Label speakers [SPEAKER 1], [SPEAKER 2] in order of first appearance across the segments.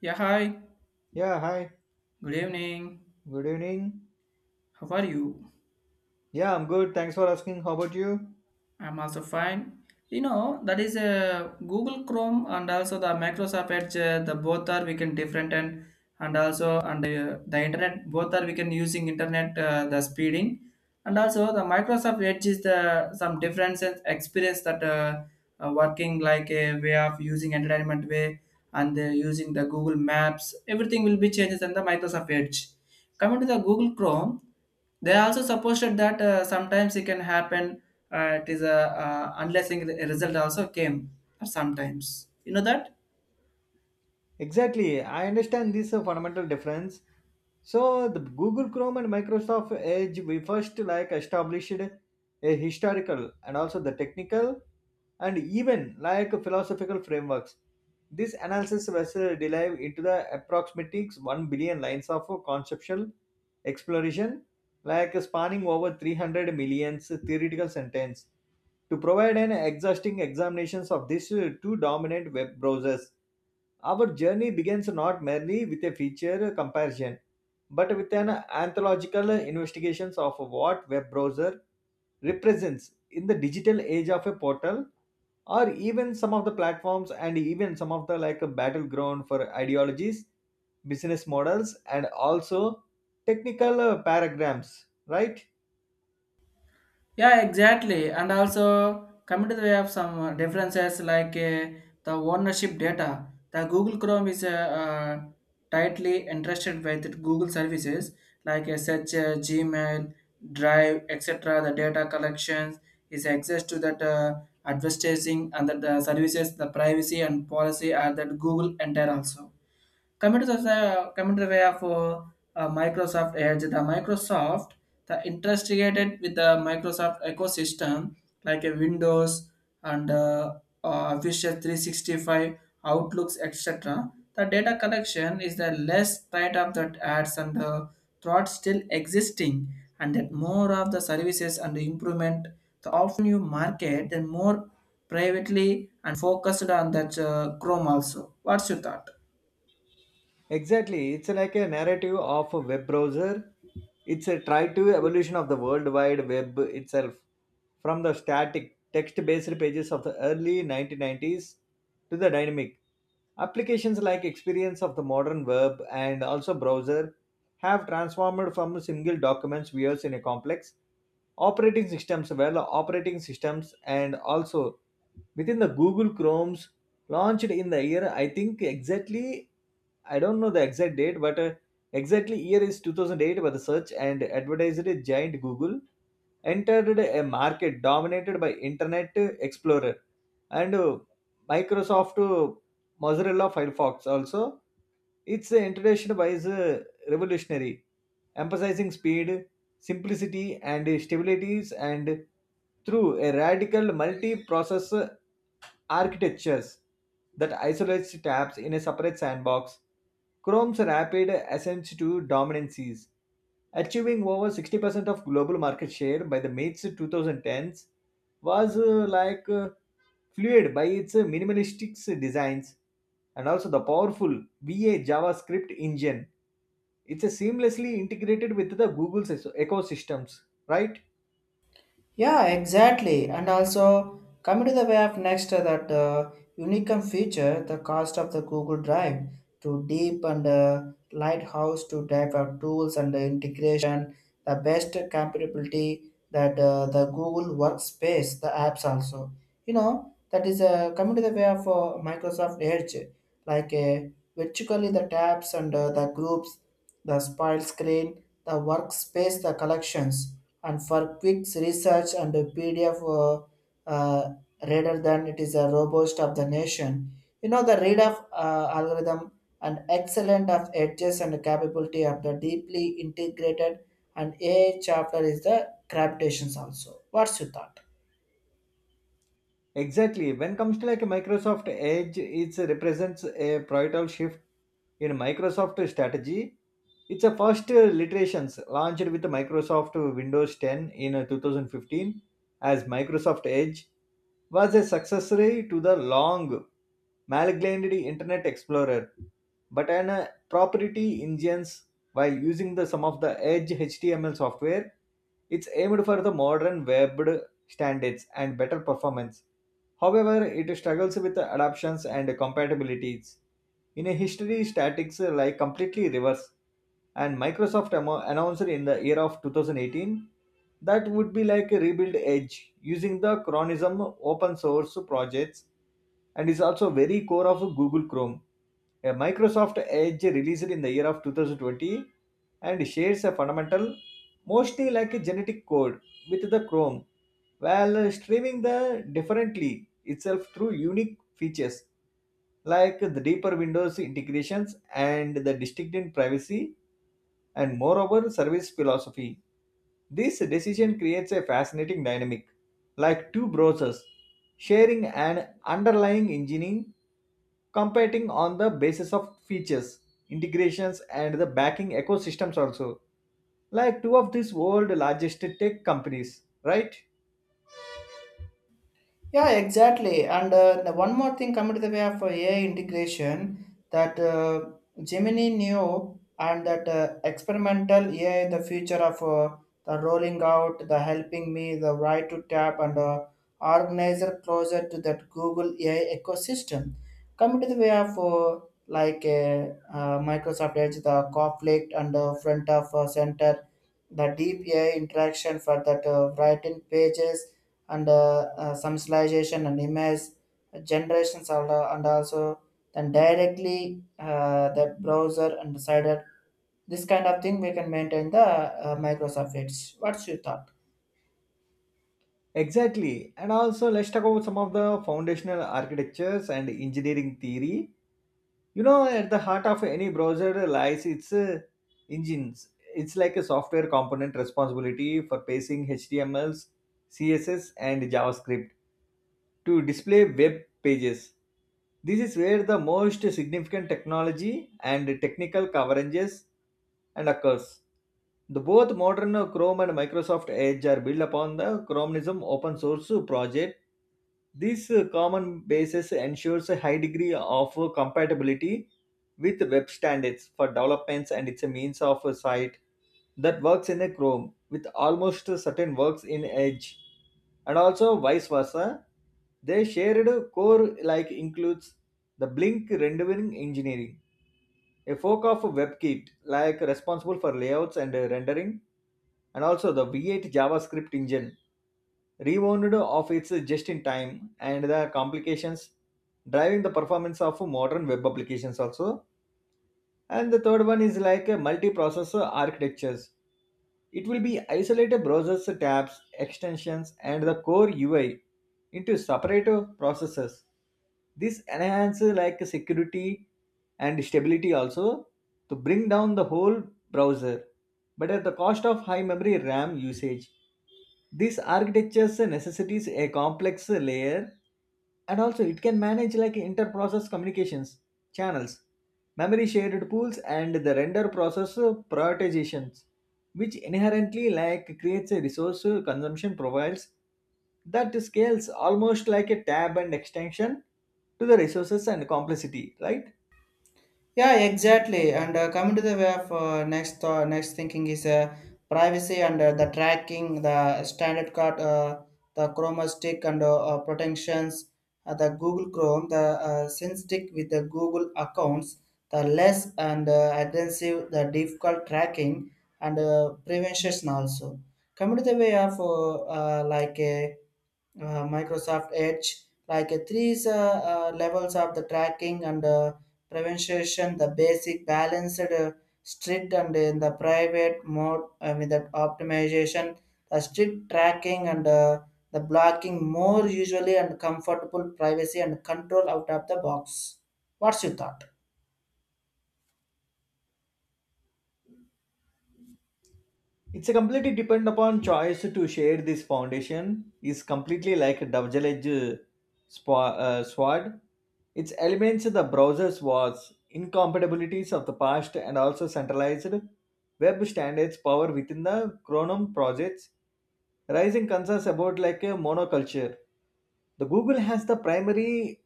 [SPEAKER 1] Yeah, hi.
[SPEAKER 2] Yeah, hi.
[SPEAKER 1] Good evening.
[SPEAKER 2] Good evening.
[SPEAKER 1] How are you?
[SPEAKER 2] Yeah, I'm good. Thanks for asking. How about you?
[SPEAKER 1] I'm also fine. You know, that is a Google Chrome and also the Microsoft Edge. The both are we can different, and also and the internet both are we can using internet, the speeding. And also the Microsoft Edge is the some differences experience that working like a way of using entertainment way, and using the Google Maps everything will be changes in the Microsoft Edge. Coming to the Google Chrome, they also supposed that sometimes it can happen. It is a unless a result also came sometimes, you know that.
[SPEAKER 2] Exactly. I understand this fundamental difference. So the Google Chrome and Microsoft Edge, we first like established a historical and also the technical and even like philosophical frameworks. This analysis was delve into the approximatics 1 billion lines of conceptual exploration, like spanning over 300 million theoretical sentence to provide an exhausting examinations of these two dominant web browsers. Our journey begins not merely with a feature comparison, but with an anthological investigation of what web browser represents in the digital age of a portal, or even some of the platforms and even some of the like a battleground for ideologies, business models, and also technical paragraphs, right?
[SPEAKER 1] Yeah, exactly. And also coming to the way of some differences like the ownership data. The Google Chrome is tightly interested with Google services like such Gmail, Drive, etc. The data collections is access to that advertising and that the services, the privacy and policy are that Google entire also. Coming to the way of Microsoft Edge, the Microsoft, the integrated with the Microsoft ecosystem like a Windows and Official 365, Outlooks, etc. The data collection is the less part of that ads and the threat still existing, and that more of the services and the improvement. The often you market, then more privately and focused on that Chrome also. What's your thought?
[SPEAKER 2] Exactly, it's like a narrative of a web browser. It's a try to evolution of the World Wide Web itself, from the static text-based pages of the early 1990s to the dynamic applications like experience of the modern web, and also browser have transformed from single documents views in a complex operating systems well operating systems and also within the Google Chrome's launched in the year, I think exactly, I don't know the exact date, but exactly year is 2008 by the search and advertising giant Google. Entered a market dominated by Internet Explorer and Microsoft Mozilla Firefox also. Its introduction was revolutionary, emphasizing speed, simplicity, and stabilities, and through a radical multi-process architectures that isolates tabs in a separate sandbox. Chrome's rapid ascent to dominancies, achieving over 60% of global market share by the mid 2010s was fluid by its minimalistic designs and also the powerful VA JavaScript engine. It's seamlessly integrated with the Google's ecosystems, right?
[SPEAKER 1] Yeah, exactly. And also, coming to the way of next, that unique feature, the cost of the Google Drive to deep and lighthouse to type of tools and the integration, the best compatibility that the Google Workspace, the apps also. You know, that is coming to the way of Microsoft Edge, like virtually the tabs and the groups, the spoil screen, the workspace, the collections and for quick research and a PDF, uh, rather than it is a robust of the nation. You know the read of algorithm and excellent of edges and capability of the deeply integrated and AI chapter is the gravitations also. What's your thought?
[SPEAKER 2] Exactly. When comes to like Microsoft Edge, it represents a pivotal shift in Microsoft strategy. It's a first iterations launched with Microsoft Windows 10 in 2015 as Microsoft Edge, was a successor to the long malignantly Internet Explorer, but an proprietary engines while using the some of the edge HTML software. It's aimed for the modern web standards and better performance. However, it struggles with the adaptations and compatibilities. In a history, statics like completely reverse, and Microsoft announced in the year of 2018 that would be like a rebuild edge using the chronism open source projects, and is also very core of Google Chrome. A Microsoft Edge released in the year of 2020 and shares a fundamental, mostly like a genetic code, with the Chrome, while streaming the differently itself through unique features like the deeper Windows integrations and the distinct privacy and moreover service philosophy. This decision creates a fascinating dynamic, like two browsers sharing an underlying engine competing on the basis of features, integrations, and the backing ecosystems also, like two of these world largest tech companies, right?
[SPEAKER 1] Yeah, exactly. And the one more thing coming to the way of AI integration that Gemini knew and that experimental AI, the future of the rolling out, the helping me, the right to tap and organizer closer to that Google AI ecosystem. Coming to the way of like Microsoft Edge, the conflict and front of center, the deep AI interaction for that writing pages and summarization and image generations are, and also then directly that browser and decided this kind of thing we can maintain the Microsoft Edge. What's your thought?
[SPEAKER 2] Exactly. And also, let's talk about some of the foundational architectures and engineering theory. You know, at the heart of any browser lies its engines. It's like a software component responsibility for pacing HTMLs, CSS, and JavaScript to display web pages. This is where the most significant technology and technical coverages and occurs. The both modern Chrome and Microsoft Edge are built upon the Chromism open source project. This common basis ensures a high degree of compatibility with web standards for developments, and it's a means of a site that works in a Chrome with almost certain works in Edge, and also vice versa. Their shared core like includes the Blink rendering engineering, a fork of WebKit like responsible for layouts and rendering, and also the V8 JavaScript engine, rewound of its just-in-time and the complications driving the performance of modern web applications also, and the third one is like a multiprocessor architectures. It will be isolated browsers, tabs, extensions, and the core UI into separate processes. This enhances like security and stability also to bring down the whole browser, but at the cost of high memory RAM usage. This architectures necessitates a complex layer, and also it can manage like inter-process communications channels, memory shared pools, and the render process prioritizations, which inherently like creates a resource consumption profiles that scales almost like a tab and extension to the resources and complexity, right?
[SPEAKER 1] Yeah, exactly. And coming to the way of next thinking is privacy and the tracking, the standard card, the Chroma stick and protections, the Google Chrome, the Sync stick with the Google accounts, the less and aggressive, the difficult tracking and prevention also. Coming to the way of like a Microsoft Edge, like three levels of the tracking and prevention, the basic balanced, strict, and in the private mode with that optimization, the strict tracking and the blocking more usually and comfortable privacy and control out of the box. What's your thought?
[SPEAKER 2] It's a completely depend upon choice to share this foundation is completely like a double-edged sword. Its elements the browser's was incompatibilities of the past and also centralized web standards power within the Chronom projects. Rising concerns about like a monoculture. The Google has the primary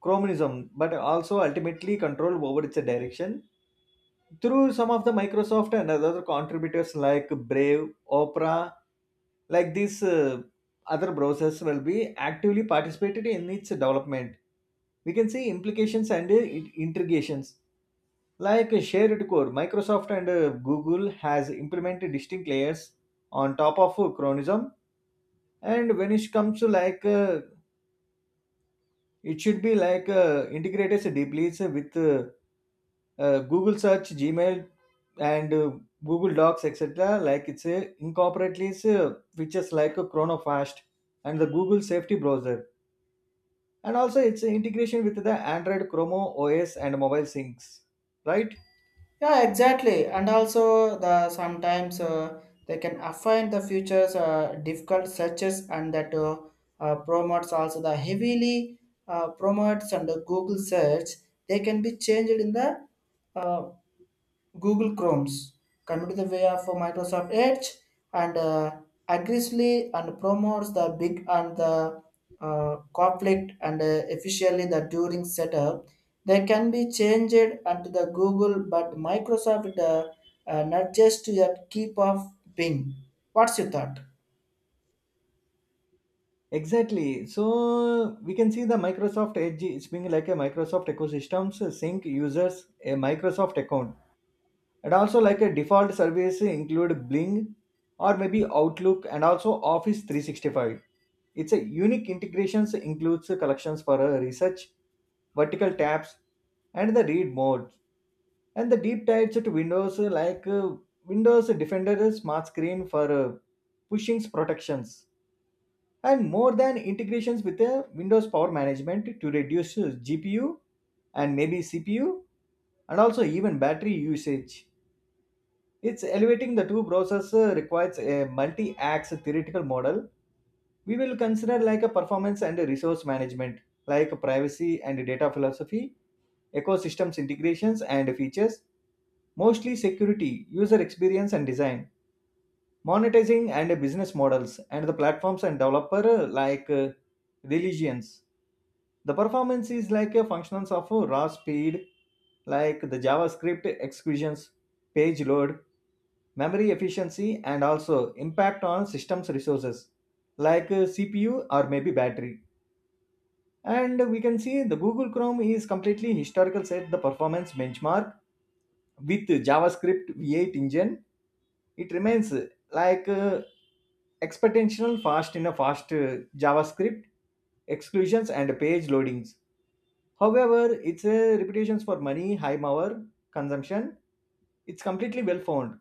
[SPEAKER 2] chromism, but also ultimately control over its direction through some of the Microsoft and other contributors like Brave, Opera, like these other browsers will be actively participated in its development. We can see implications and integrations. Like a shared core, Microsoft and Google has implemented distinct layers on top of Chronism. And when it comes to it should be like integrated deeply with Google search, Gmail, and Google Docs, etc. Like it's incorporately it's, features like a ChronoFast and the Google Safety Browser, and also it's integration with the Android Chrome OS and mobile syncs. Right?
[SPEAKER 1] Yeah, exactly. And also, the sometimes they can affine the futures difficult searches, and that promotes also the heavily promotes and the Google search. They can be changed in the uh, Google Chrome's. Coming to the way of Microsoft Edge, and aggressively and promotes the big and the conflict and efficiently the during setup. They can be changed onto the Google, but Microsoft nudges to that keep of Bing. What's your thought?
[SPEAKER 2] Exactly. So we can see the Microsoft Edge is being like a Microsoft ecosystems sync users a Microsoft account, and also like a default service include bling or maybe outlook and also office 365. It's a unique integrations includes collections for research, vertical tabs, and the read mode, and the deep dives to windows windows defender smart screen for pushing protections, and more than integrations with the windows power management to reduce gpu and maybe cpu, and also even battery usage. It's elevating the two browsers requires a multi-axe theoretical model. We will consider like a performance and a resource management, like privacy and data philosophy, ecosystems integrations and features, mostly security, user experience and design, monetizing and business models, and the platforms and developer religions. The performance is like a functions of raw speed, like the JavaScript executions, page load, memory efficiency, and also impact on systems resources like cpu or maybe battery. And we can see the Google Chrome is completely historical set the performance benchmark with JavaScript V8 engine. It remains like uh, exponential fast in a fast JavaScript exclusions and page loadings. However, its reputations for money high power consumption, it's completely well found,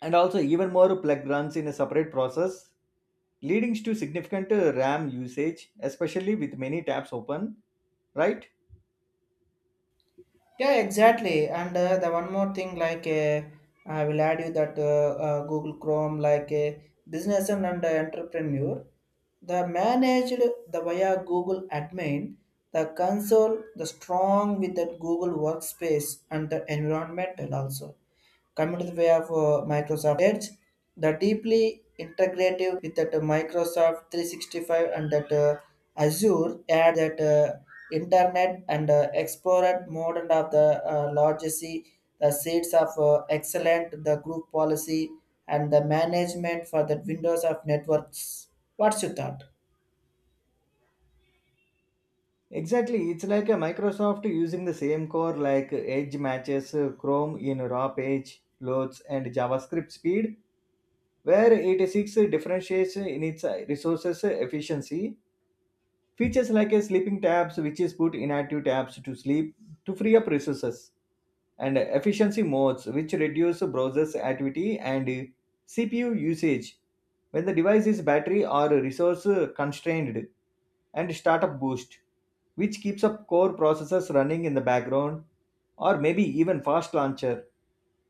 [SPEAKER 2] and also even more plug runs in a separate process leading to significant RAM usage, especially with many tabs open, right?
[SPEAKER 1] Yeah, exactly. And the one more thing, like I will add you that Google Chrome, like a business and entrepreneur, the managed the via Google admin, the console, the strong with that Google workspace and the environmental also. Coming to the way of Microsoft Edge, the deeply integrative with that Microsoft 365 and that Azure add that Internet and Explorer modern of the legacy, the seeds of excellent, the group policy and the management for the Windows of networks. What's your thought?
[SPEAKER 2] Exactly, it's like a Microsoft using the same core like Edge matches Chrome in raw page loads and JavaScript speed, where 86 differentiates in its resources efficiency. Features like a sleeping tabs, which is put inactive tabs to sleep to free up resources, and efficiency modes, which reduce browser's activity and CPU usage when the device is battery or resource constrained, and startup boost, which keeps up core processors running in the background, or maybe even fast launcher.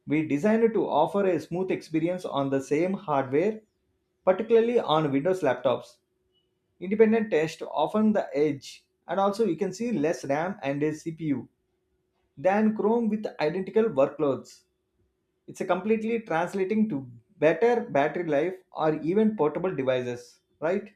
[SPEAKER 2] We designed to offer a smooth experience on the same hardware, particularly on Windows laptops. Independent test often the edge, and also you can see less RAM and a CPU than Chrome with identical workloads. It's a completely translating to better battery life or even portable devices, right?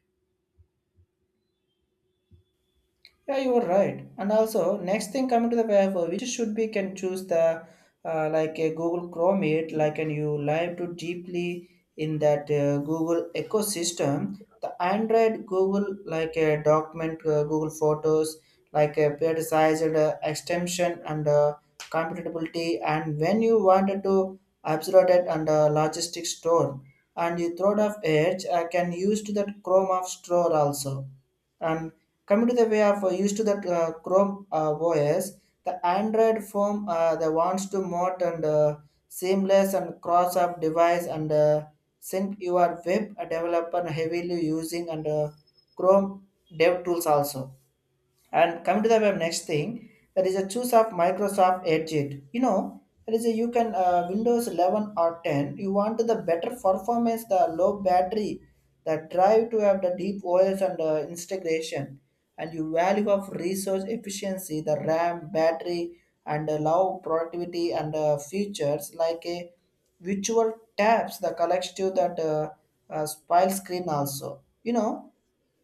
[SPEAKER 1] Yeah, you are right. And also, next thing coming to the web, which should be can choose the like a Google Chrome it, like and you live to deeply in that Google ecosystem. The Android Google like a document, Google Photos, like a prioritized extension and compatibility. And when you wanted to absorb it under logistic store, and you throw it off edge, I can use to that Chrome of store also. And coming to the way of used to the Chrome OS, the Android phone, the wants to mod and seamless and cross up device and sync your web developer heavily using and Chrome dev tools also. And coming to the web next thing, there is a choose of Microsoft Edge it. You know, there is a you can Windows 11 or 10. You want the better performance, the low battery, the drive to have the deep OS and integration, and you value of resource efficiency, the RAM, battery, and low productivity and features like a virtual tabs, the collective that spile screen also. You know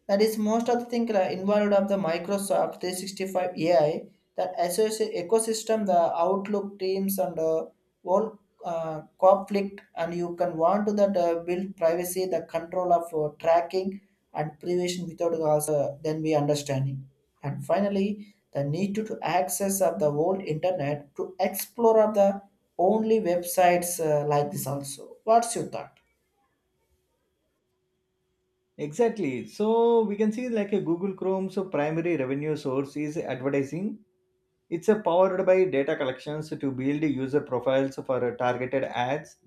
[SPEAKER 1] that is most of the thing involved of the Microsoft 365 AI, that associate ecosystem, the Outlook teams and all conflict and you can want to that build privacy, the control of tracking and prevention without also then we understanding. And finally, the need to access of the whole internet to explore of the only websites, like this also. What's your thought?
[SPEAKER 2] Exactly. So we can see like a Google Chrome, so primary revenue source is advertising. It's a powered by data collections to build user profiles for targeted ads.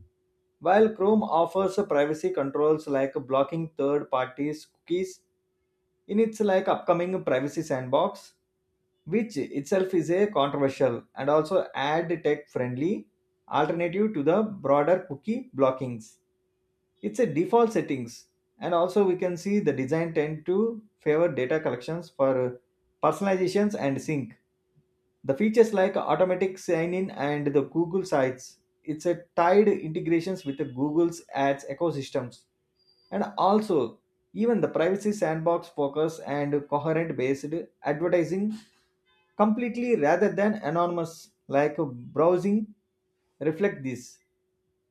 [SPEAKER 2] While Chrome offers privacy controls like blocking third parties' cookies in its like upcoming privacy sandbox, which itself is a controversial and also ad tech friendly alternative to the broader cookie blockings. It's a default settings, and also we can see the design tend to favor data collections for personalizations and sync the features like automatic sign-in and the Google Sites, it's a tied integrations with the Google's ads ecosystems. And also, even the privacy sandbox focus and coherent based advertising completely rather than anonymous like browsing reflect this.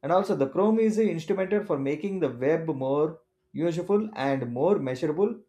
[SPEAKER 2] And also the Chrome is instrumented for making the web more useful and more measurable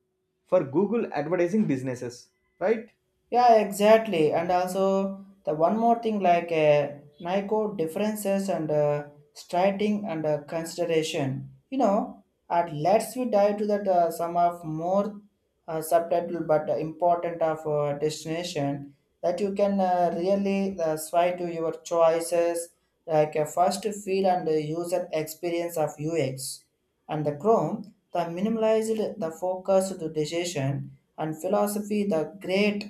[SPEAKER 2] for Google advertising businesses, right?
[SPEAKER 1] Yeah, exactly. And also the one more thing like NICO differences and striking and consideration. You know, and let's we dive to that some of more subtitle but important of destination that you can really sway to your choices like a first feel and the user experience of UX and the Chrome, the minimalized, the focus to decision and philosophy, the great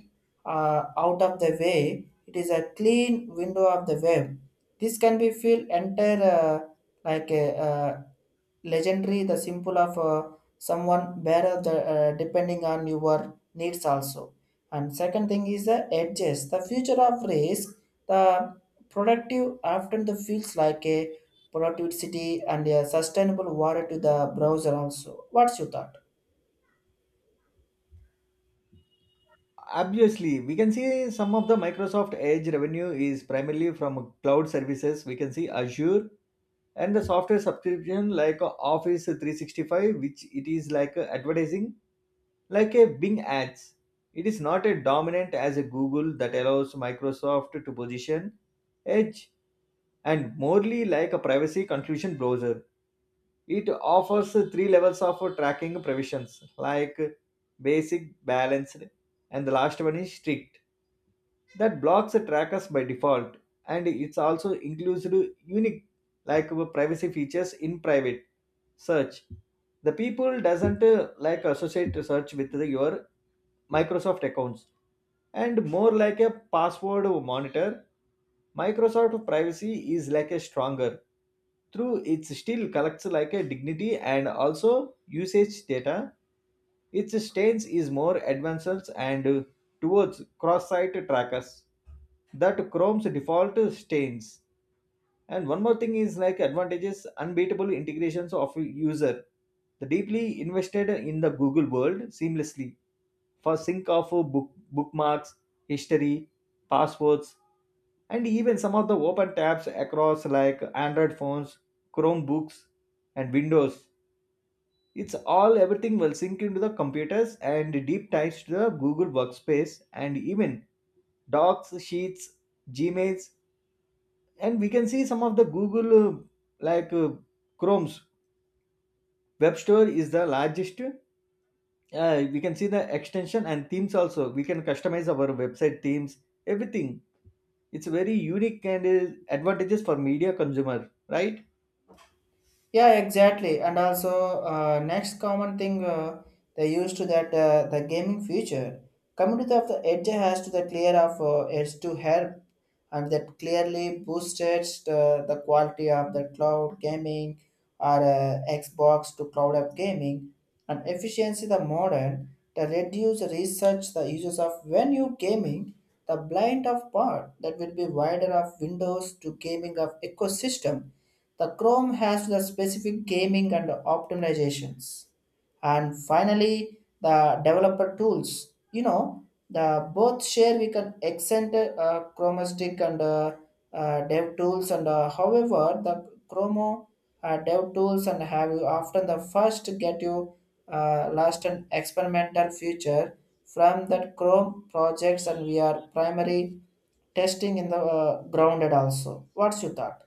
[SPEAKER 1] out of the way. It is a clean window of the web. This can be filled entire like a legendary, the symbol of someone better the, depending on your needs also. And second thing is the edges. The future of risk, the productive often the feels like a productivity and a sustainable water to the browser also. What's your thought?
[SPEAKER 2] Obviously, we can see some of the Microsoft Edge revenue is primarily from cloud services. We can see Azure and the software subscription like Office 365, which it is like advertising, like a Bing ads. It is not a dominant as a Google that allows Microsoft to position Edge and morely like a privacy conclusion browser. It offers three levels of tracking provisions like basic, balanced, and the last one is strict that blocks the trackers by default, and it's also includes unique privacy features in private search. The people doesn't like associate search with your microsoft accounts and more like a password monitor. Microsoft privacy is like a stronger through it still collects like a dignity and also usage data. Its stance is more advanced and towards cross-site trackers that chrome's default stains. And one more thing is like advantages unbeatable integrations of user, the deeply invested in the google world seamlessly for sync of book, bookmarks, history, passwords, and even some of the open tabs across like android phones, chromebooks, and windows. It's all everything will sync into the computers and deep ties to the google workspace, and even docs, sheets, gmails. And we can see some of the google like chrome's web store is the largest. Uh, we can see the extension and themes, also we can customize our website themes, everything. It's very unique and advantages for media consumer, right?
[SPEAKER 1] Yeah, exactly. And also, next common thing, they used to that the gaming feature. Community of the Edge has to the clear of Edge to help, and that clearly boosted the quality of the cloud gaming or Xbox to cloud app gaming and efficiency the modern, the reduce research the uses of when you gaming, the blind of part that will be wider of windows to gaming of ecosystem. The Chrome has the specific gaming and optimizations. And finally, the developer tools. You know, the both share we can extend Chromastic and dev tools and however the Chromo dev tools and have you often the first get you last and experimental feature from that Chrome projects and we are primary testing in the grounded also. What's your thought?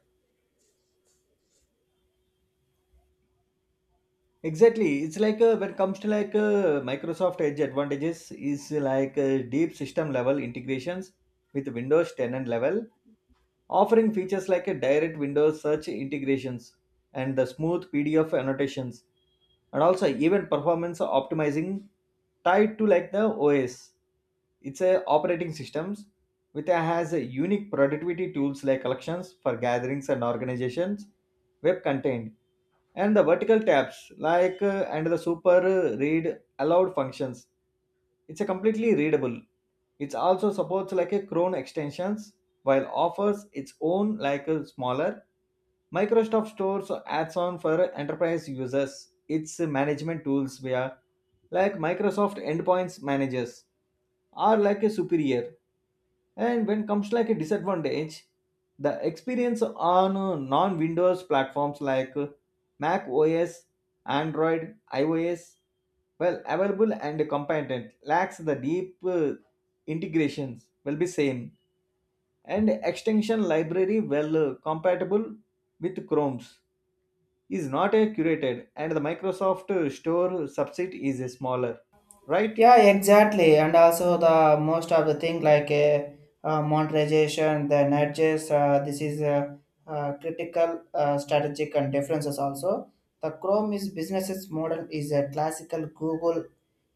[SPEAKER 2] Exactly it's like uh, when it comes to microsoft edge advantages is like deep system level integrations with windows 10 and level, offering features like a direct Windows search integrations and the smooth PDF annotations, and also even performance optimizing tied to like the OS. It's a operating systems which has a unique productivity tools like collections for gatherings and organizations, web content, and the vertical tabs and the super read aloud functions. It's a completely readable. It also supports like a Chrome extensions while offers its own like a smaller Microsoft stores adds on. For enterprise users its management tools via like Microsoft endpoints managers are like a superior. And when comes like a disadvantage, the experience on non-Windows platforms like Mac OS, Android, iOS, well available and competent, lacks the deep integrations will be same, and extension library well compatible with Chrome's is not a curated, and the Microsoft Store subset is a smaller, right?
[SPEAKER 1] Yeah, exactly. And also the most of the thing like monetization, the nudges, this is critical strategic and differences also. The Chrome is businesses model is a classical Google.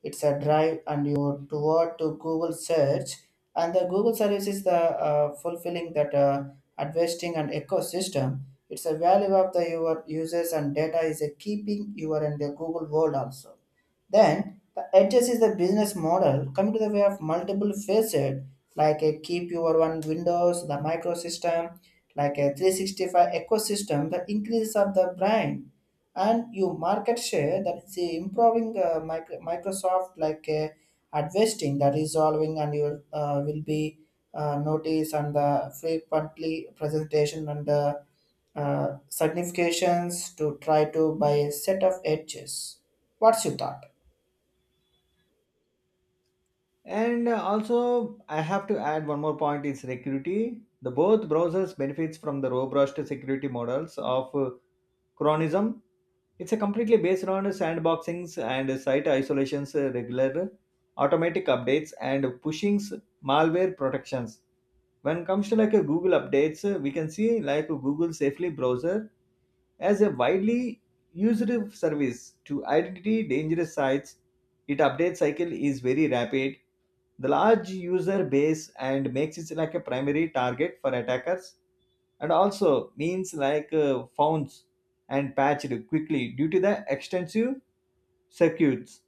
[SPEAKER 1] It's a drive and you toward to Google search and the Google service is the fulfilling that investing and ecosystem. It's a value of the your users and data is a keeping you are in the Google world also. Then the edges is the business model coming to the way of multiple facet like a keep your one Windows, the microsystem, like a 365 ecosystem, the increase of the brand and you market share that is the improving Microsoft like investing the resolving and you will be notice and the frequently presentation and the significations to try to buy a set of edges. What's your thought?
[SPEAKER 2] And also, I have to add one more point is security. The both browsers benefits from the robust security models of Chronism. It's a completely based on sandboxings and site isolations, regular automatic updates, and pushings malware protections. When it comes to like a google updates, we can see like google safely browser as a widely used service to identify dangerous sites. Its update cycle is very rapid. The large user base and makes it like a primary target for attackers, and also means found and patched quickly due to the extensive circuits.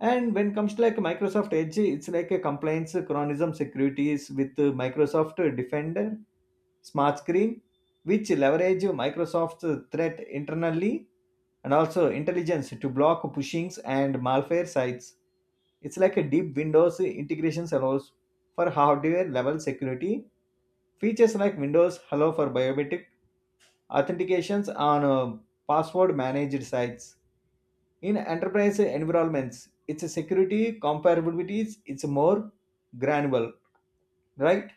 [SPEAKER 2] And when comes to like Microsoft Edge, it's like a compliance chronism securities with Microsoft Defender smart screen, which leverage Microsoft's threat internally and also intelligence to block pushings and malware sites. It's like a deep Windows integration allows for hardware level security. Features like Windows Hello for biometric authentications on password managed sites. In enterprise environments its security comparabilities it's more granular, right?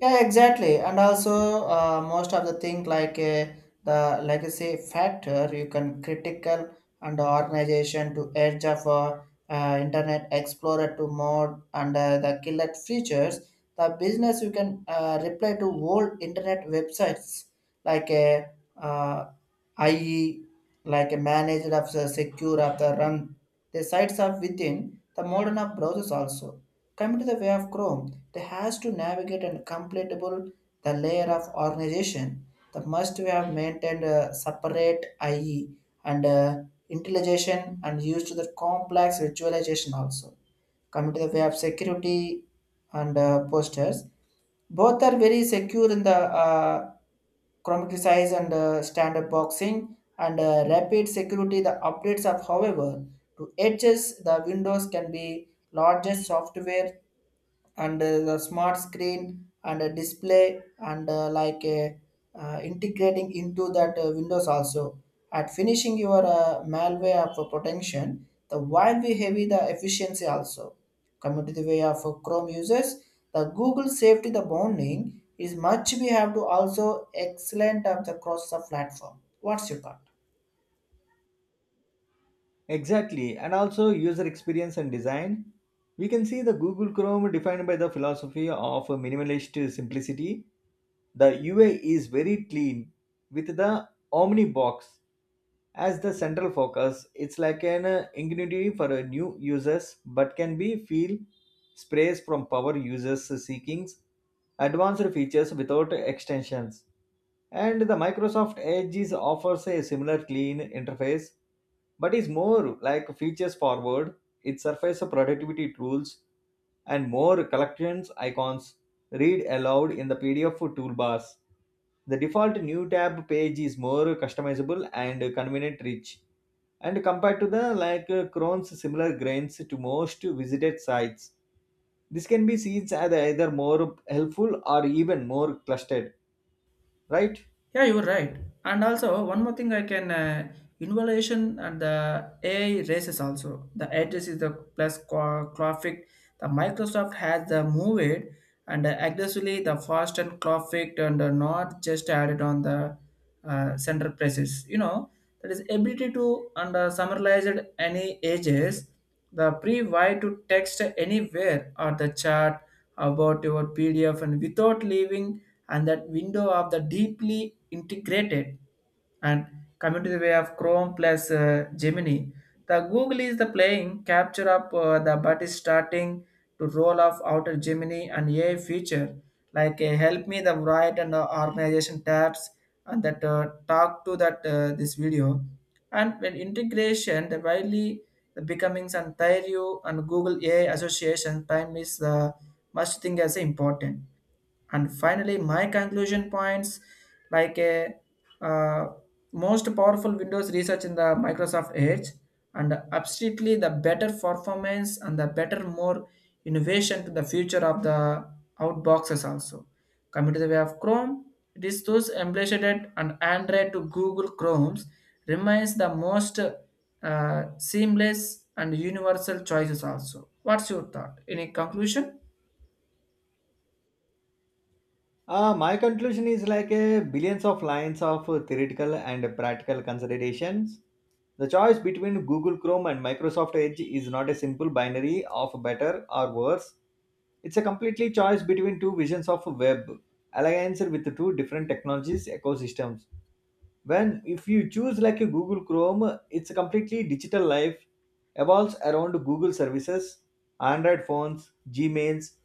[SPEAKER 1] Yeah, exactly. And also, most of the thing like the legacy factor, you can critical and organization to edge of Internet Explorer to mode and the killer features. The business you can reply to old internet websites like a uh, IE, like a manager of the secure of the run. The sites are within the modern of browsers also. Coming to the way of Chrome. They has to navigate and completable the layer of organization. The must we have maintained a separate IE and intelligence and used to the complex visualization also. Coming to the way of security and posters, both are very secure in the size and standard boxing and rapid security the updates of, however, to edges the windows can be largest software and the smart screen and a display and like a integrating into that windows also at finishing your malware of a potential the while we heavy the efficiency also. Coming to the way of Chrome users, the Google safety the bonding is much we have to also excellent of the cross the platform. What's your thought?
[SPEAKER 2] Exactly, and also user experience and design. We can see the google chrome defined by the philosophy of minimalist simplicity. The ui is very clean with the omni box as the central focus. It's like an ingenuity for new users but can be feel sprays from power users seeking advanced features without extensions. And the microsoft edge is offers a similar clean interface but is more like features forward. It surface productivity tools and more collections icons, read aloud in the pdf toolbars. The default new tab page is more customizable and convenient rich. And compared to the Crohn's similar grains to most visited sites, this can be seen as either more helpful or even more clustered, right?
[SPEAKER 1] Yeah, you're right. And also, one more thing I can innovation and the AI races also. The edges is the graphic. The Microsoft has the moved and aggressively the fast and graphic and not just added on the center presses. You know that is ability to and summarize it any ages, the pre why to text anywhere or the chat about your PDF and without leaving and that window of the deeply integrated. And coming to the way of Chrome plus Gemini, the Google is the playing capture up, the but is starting to roll off outer Gemini and AI feature like help me the write and organization tabs and that talk to that this video and when integration, the widely the becomings and Thairio and Google AI Association, time is the must thing as important. And finally, my conclusion points like a uh, most powerful Windows research in the Microsoft Edge, and absolutely the better performance and the better, more innovation to the future of the outboxes also. Coming to the way of Chrome, it is those embedded and Android to Google Chrome's remains the most seamless and universal choices also. What's your thought? Any conclusion?
[SPEAKER 2] My conclusion is like a billions of lines of theoretical and practical considerations. The choice between Google Chrome and Microsoft Edge is not a simple binary of better or worse. It's a completely choice between two visions of web, alliance with the two different technologies ecosystems. When if you choose like a Google Chrome, it's a completely digital life evolves around Google services, Android phones, Gmails,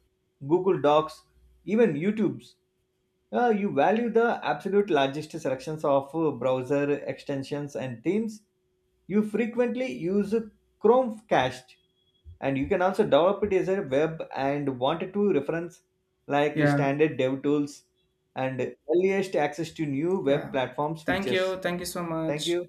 [SPEAKER 2] Google Docs, even YouTube's. You value the absolute largest selections of browser extensions and themes. You frequently use Chromecast, and you can also develop it as a web and wanted to reference like
[SPEAKER 1] Yeah.
[SPEAKER 2] standard dev tools and earliest access to new web
[SPEAKER 1] Yeah.
[SPEAKER 2] platforms
[SPEAKER 1] Thank
[SPEAKER 2] features.
[SPEAKER 1] you. Thank you so
[SPEAKER 2] Thank
[SPEAKER 1] much.
[SPEAKER 2] you.